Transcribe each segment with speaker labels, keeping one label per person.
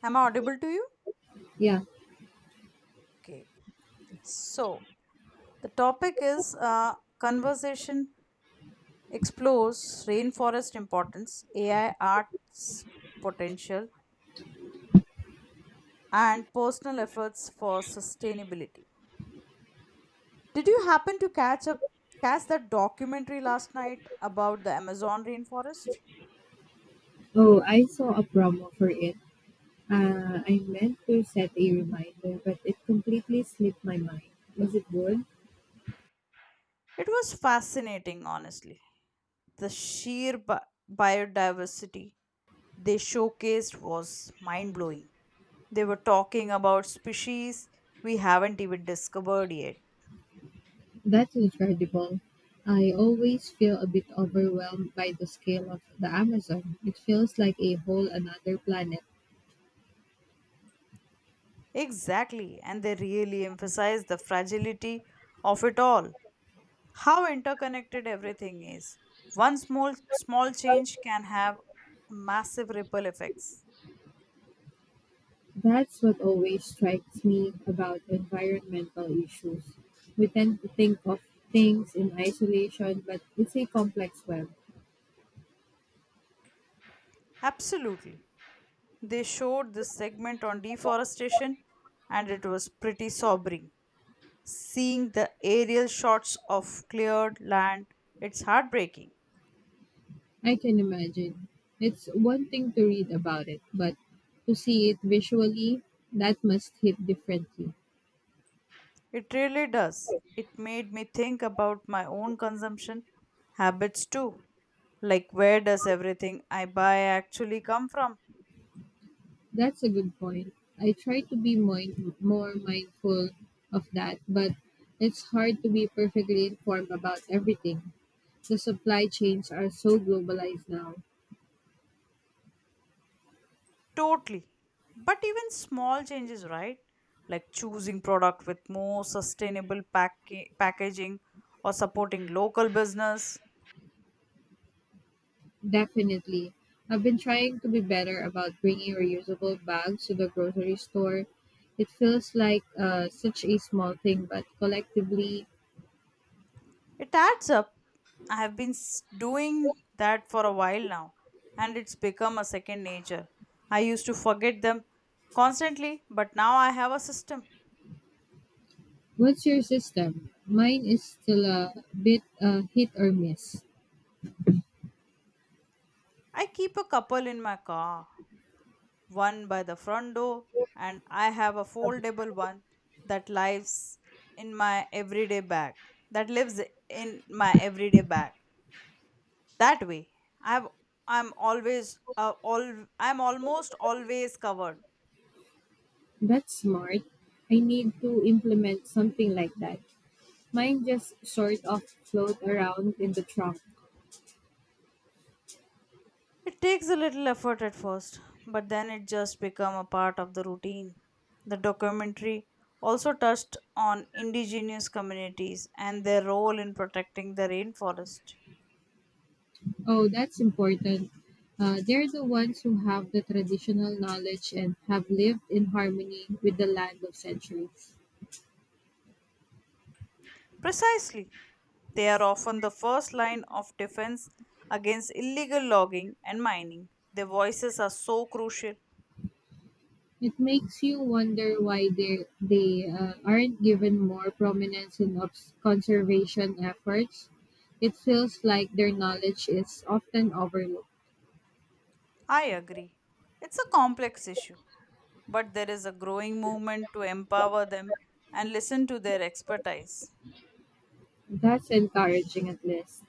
Speaker 1: Am I audible to you?
Speaker 2: Yeah.
Speaker 1: Okay. So, the topic is conversation explores rainforest importance, AI arts potential, and personal efforts for sustainability. Did you happen to catch that documentary last night about the Amazon rainforest?
Speaker 2: Oh, I saw a promo for it. I meant to set a reminder, but it completely slipped my mind. Was it good?
Speaker 1: It was fascinating, honestly. The sheer biodiversity they showcased was mind blowing. They were talking about species we haven't even discovered yet.
Speaker 2: That's incredible. I always feel a bit overwhelmed by the scale of the Amazon. It feels like a whole another planet.
Speaker 1: Exactly, and they really emphasize the fragility of it all, how interconnected everything is. One small change can have massive ripple effects.
Speaker 2: That's what always strikes me about environmental issues. We tend to think of things in isolation, but it's a complex web.
Speaker 1: Absolutely. They showed this segment on deforestation, and it was pretty sobering. Seeing the aerial shots of cleared land, it's heartbreaking.
Speaker 2: I can imagine. It's one thing to read about it, but to see it visually, that must hit differently.
Speaker 1: It really does. It made me think about my own consumption habits too. Like, where does everything I buy actually come from?
Speaker 2: That's a good point. I try to be more mindful of that, but it's hard to be perfectly informed about everything. The supply chains are so globalized now.
Speaker 1: Totally. But even small changes, right? Like choosing product with more sustainable packaging or supporting local business.
Speaker 2: Definitely. I've been trying to be better about bringing reusable bags to the grocery store. It feels like such a small thing, but collectively.
Speaker 1: It adds up. I have been doing that for a while now and it's become a second nature. I used to forget them constantly, but now I have a system.
Speaker 2: What's your system? Mine is still a bit hit or miss.
Speaker 1: I keep a couple in my car, one by the front door, and I have a foldable one that lives in my everyday bag. That lives in my everyday bag. That way, I've I'm always uh, all I'm almost always covered.
Speaker 2: That's smart. I need to implement something like that. Mine just sort of float around in the trunk.
Speaker 1: It takes a little effort at first, but then it just become a part of the routine. The documentary also touched on indigenous communities and their role in protecting the rainforest.
Speaker 2: Oh, that's important. They're the ones who have the traditional knowledge and have lived in harmony with the land of centuries.
Speaker 1: Precisely. They are often the first line of defense against illegal logging and mining. Their voices are so crucial.
Speaker 2: It makes you wonder why they aren't given more prominence in conservation efforts. It feels like their knowledge is often overlooked.
Speaker 1: I agree. It's a complex issue, but there is a growing movement to empower them and listen to their expertise.
Speaker 2: That's encouraging at least.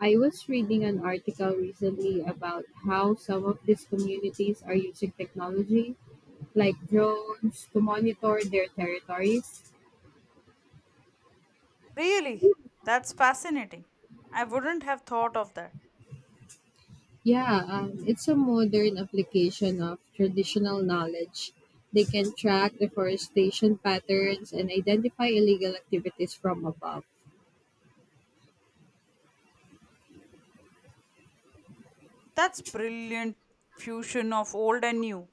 Speaker 2: I was reading an article recently about how some of these communities are using technology like drones to monitor their territories.
Speaker 1: Really? That's fascinating. I wouldn't have thought of that.
Speaker 2: Yeah, it's a modern application of traditional knowledge. They can track deforestation patterns and identify illegal activities from above.
Speaker 1: That's brilliant fusion of old and new.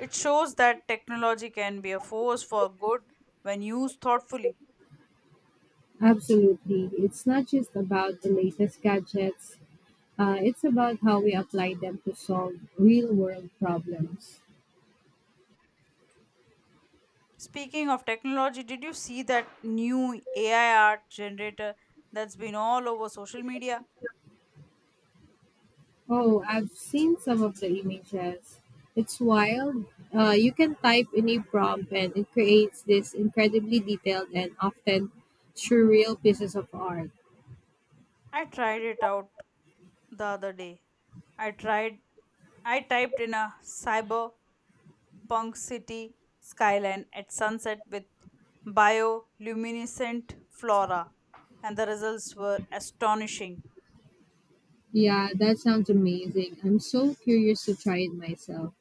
Speaker 1: It shows that technology can be a force for good when used thoughtfully.
Speaker 2: Absolutely. It's not just about the latest gadgets, it's about how we apply them to solve real world problems.
Speaker 1: Speaking of technology, did you see that new AI art generator that's been all over social media?
Speaker 2: Oh, I've seen some of the images. It's wild. You can type any prompt and it creates these incredibly detailed and often surreal pieces of art.
Speaker 1: I tried it out the other day. I tried I typed in a cyberpunk city skyline at sunset with bioluminescent flora, and the results were astonishing.
Speaker 2: Yeah, that sounds amazing. I'm so curious to try it myself.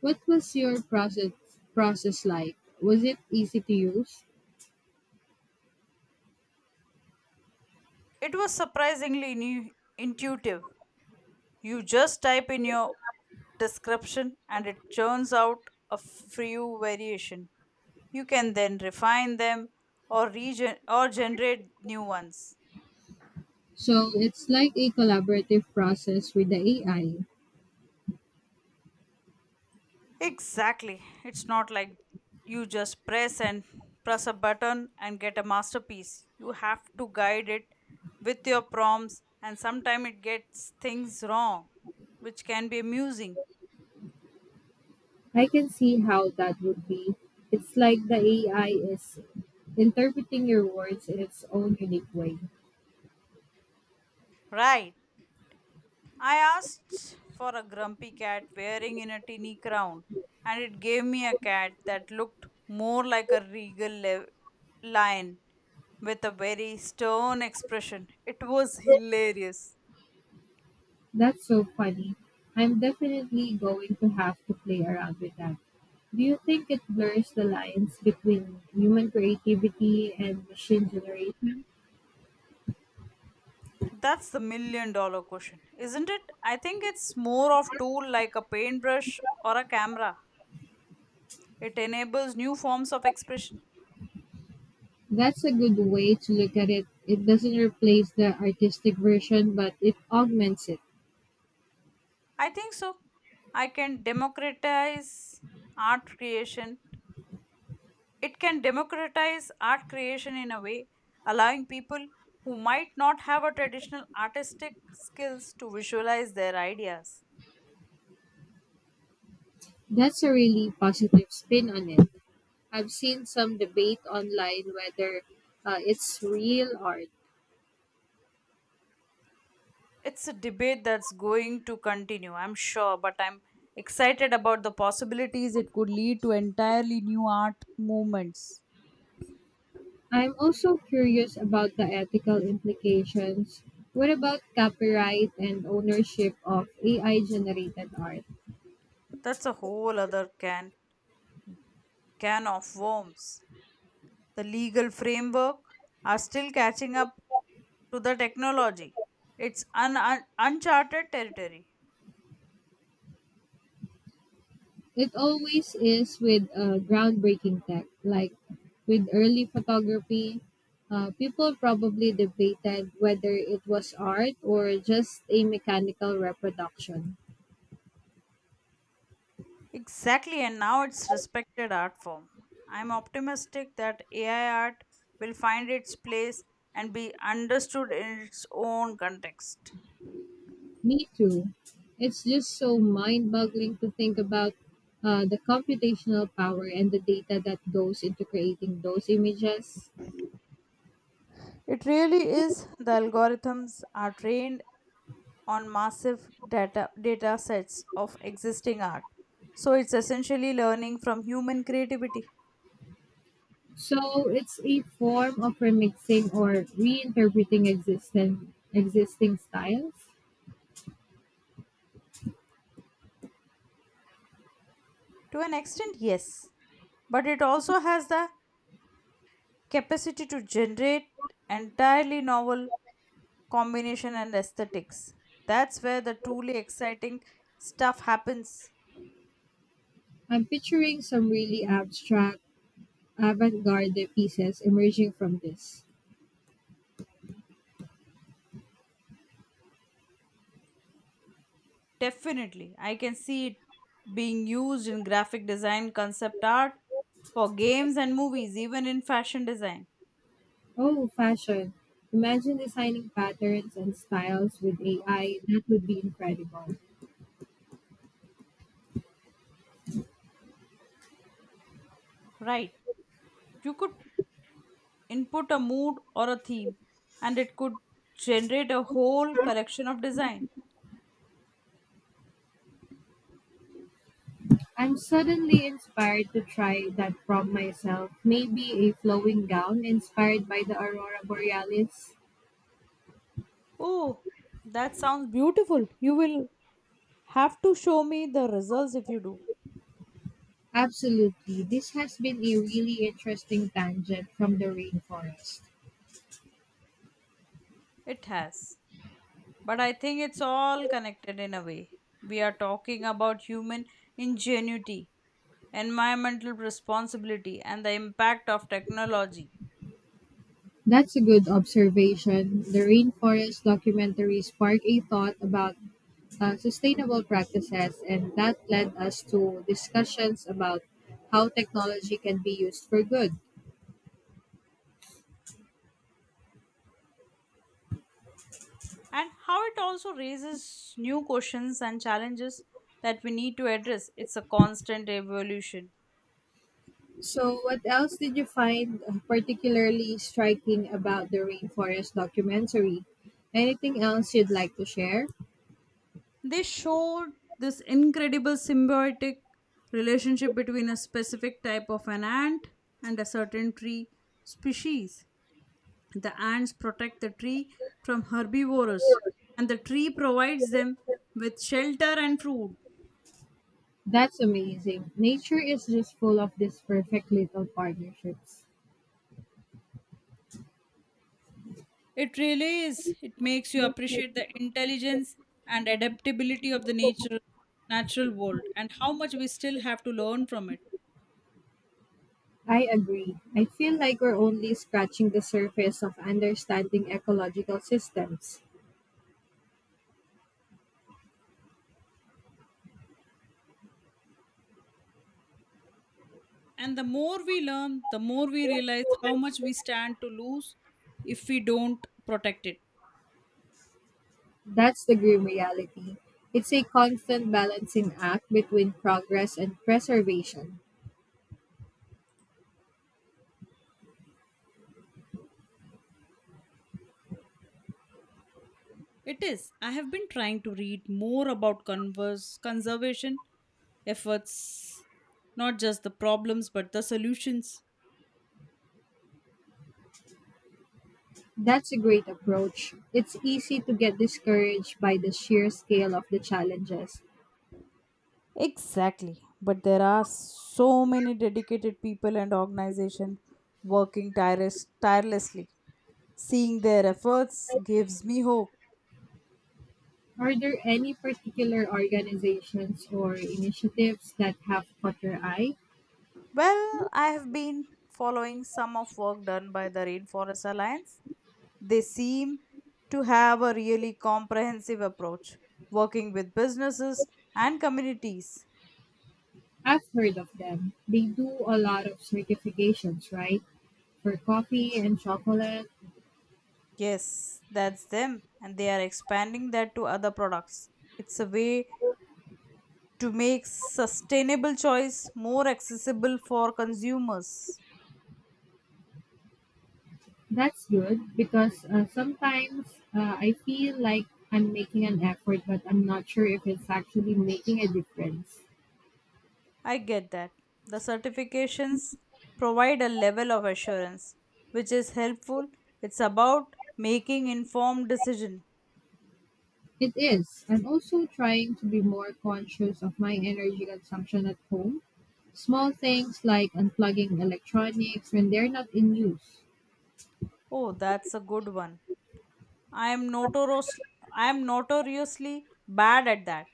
Speaker 2: What was your process like? Was it easy to use?
Speaker 1: It was surprisingly new, intuitive. You just type in your description and it churns out a few variation. You can then refine them or generate new ones.
Speaker 2: So it's like a collaborative process with the AI.
Speaker 1: Exactly. It's not like you just press a button and get a masterpiece. You have to guide it with your prompts, and sometimes it gets things wrong, which can be amusing.
Speaker 2: I can see how that would be. It's like the AI is interpreting your words in its own unique way.
Speaker 1: Right. I asked for a grumpy cat wearing in a tiny crown, and it gave me a cat that looked more like a regal lion with a very stern expression. It was hilarious.
Speaker 2: That's so funny. I'm definitely going to have to play around with that. Do you think it blurs the lines between human creativity and machine generation?
Speaker 1: That's the million dollar question, isn't it? I think it's more of tool like a paintbrush or a camera. It enables new forms of expression.
Speaker 2: That's a good way to look at it. It doesn't replace the artistic version, but it augments it.
Speaker 1: I think so. I can democratize art creation. It can democratize art creation in a way, allowing people who might not have a traditional artistic skills to visualize their ideas.
Speaker 2: That's a really positive spin on it. I've seen some debate online whether it's real art.
Speaker 1: It's a debate that's going to continue, I'm sure, but I'm excited about the possibilities it could lead to entirely new art movements.
Speaker 2: I'm also curious about the ethical implications. What about copyright and ownership of AI generated art?
Speaker 1: That's a whole other can of worms. The legal framework are still catching up to the technology. It's uncharted territory.
Speaker 2: It always is with groundbreaking tech, like with early photography. People probably debated whether it was art or just a mechanical reproduction.
Speaker 1: Exactly, and now it's respected art form. I'm optimistic that AI art will find its place and be understood in its own context.
Speaker 2: Me too. It's just so mind boggling to think about the computational power and the data that goes into creating those images.
Speaker 1: It really is. The algorithms are trained on massive data sets of existing art. So it's essentially learning from human creativity.
Speaker 2: So it's a form of remixing or reinterpreting existing styles.
Speaker 1: To an extent, yes. But it also has the capacity to generate entirely novel combination and aesthetics. That's where the truly exciting stuff happens.
Speaker 2: I'm picturing some really abstract, avant garde pieces emerging from this.
Speaker 1: Definitely, I can see it being used in graphic design, concept art, for games and movies, even in fashion design.
Speaker 2: Oh, fashion. Imagine designing patterns and styles with AI. That would be incredible.
Speaker 1: Right. You could input a mood or a theme, and it could generate a whole collection of design.
Speaker 2: I'm suddenly inspired to try that prompt myself. Maybe a flowing gown inspired by the Aurora Borealis.
Speaker 1: Oh, that sounds beautiful. You will have to show me the results if you do.
Speaker 2: Absolutely. This has been a really interesting tangent from the rainforest.
Speaker 1: It has. But I think it's all connected in a way. We are talking about human ingenuity, environmental responsibility, and the impact of technology,
Speaker 2: That's a good observation. The rainforest documentary sparked a thought about sustainable practices, and that led us to discussions about how technology can be used for good.
Speaker 1: and how it also raises new questions and challenges that we need to address. It's a constant evolution.
Speaker 2: So, what else did you find particularly striking about the rainforest documentary? Anything else you'd like to share?
Speaker 1: They showed this incredible symbiotic relationship between a specific type of an ant and a certain tree species. The ants protect the tree from herbivores, and the tree provides them with shelter and food.
Speaker 2: That's amazing. Nature is just full of these perfect little partnerships.
Speaker 1: It really is. It makes you appreciate the intelligence and adaptability of natural world and how much we still have to learn from it.
Speaker 2: I agree. I feel like we're only scratching the surface of understanding ecological systems.
Speaker 1: And the more we learn, the more we realize how much we stand to lose if we don't protect it.
Speaker 2: That's the grim reality. It's a constant balancing act between progress and preservation.
Speaker 1: It is. I have been trying to read more about conservation efforts, not just the problems but the solutions.
Speaker 2: That's a great approach. It's easy to get discouraged by the sheer scale of the challenges.
Speaker 1: Exactly. But there are so many dedicated people and organizations working tirelessly. Seeing their efforts gives me hope.
Speaker 2: Are there any particular organizations or initiatives that have caught your eye?
Speaker 1: Well, I have been following some of work done by the Rainforest Alliance. They seem to have a really comprehensive approach, working with businesses and communities.
Speaker 2: I've heard of them. They do a lot of certifications, right? For coffee and chocolate.
Speaker 1: Yes, that's them, and they are expanding that to other products. It's a way to make sustainable choice more accessible for consumers.
Speaker 2: That's good because sometimes I feel like I'm making an effort, but I'm not sure if it's actually making a difference.
Speaker 1: I get that. The certifications provide a level of assurance which is helpful. It's about making informed decision.
Speaker 2: It is. I'm also trying to be more conscious of my energy consumption at home. Small things like unplugging electronics when they're not in use.
Speaker 1: Oh, that's a good one. I am notorious I am notoriously bad at that.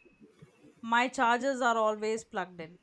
Speaker 1: My chargers are always plugged in.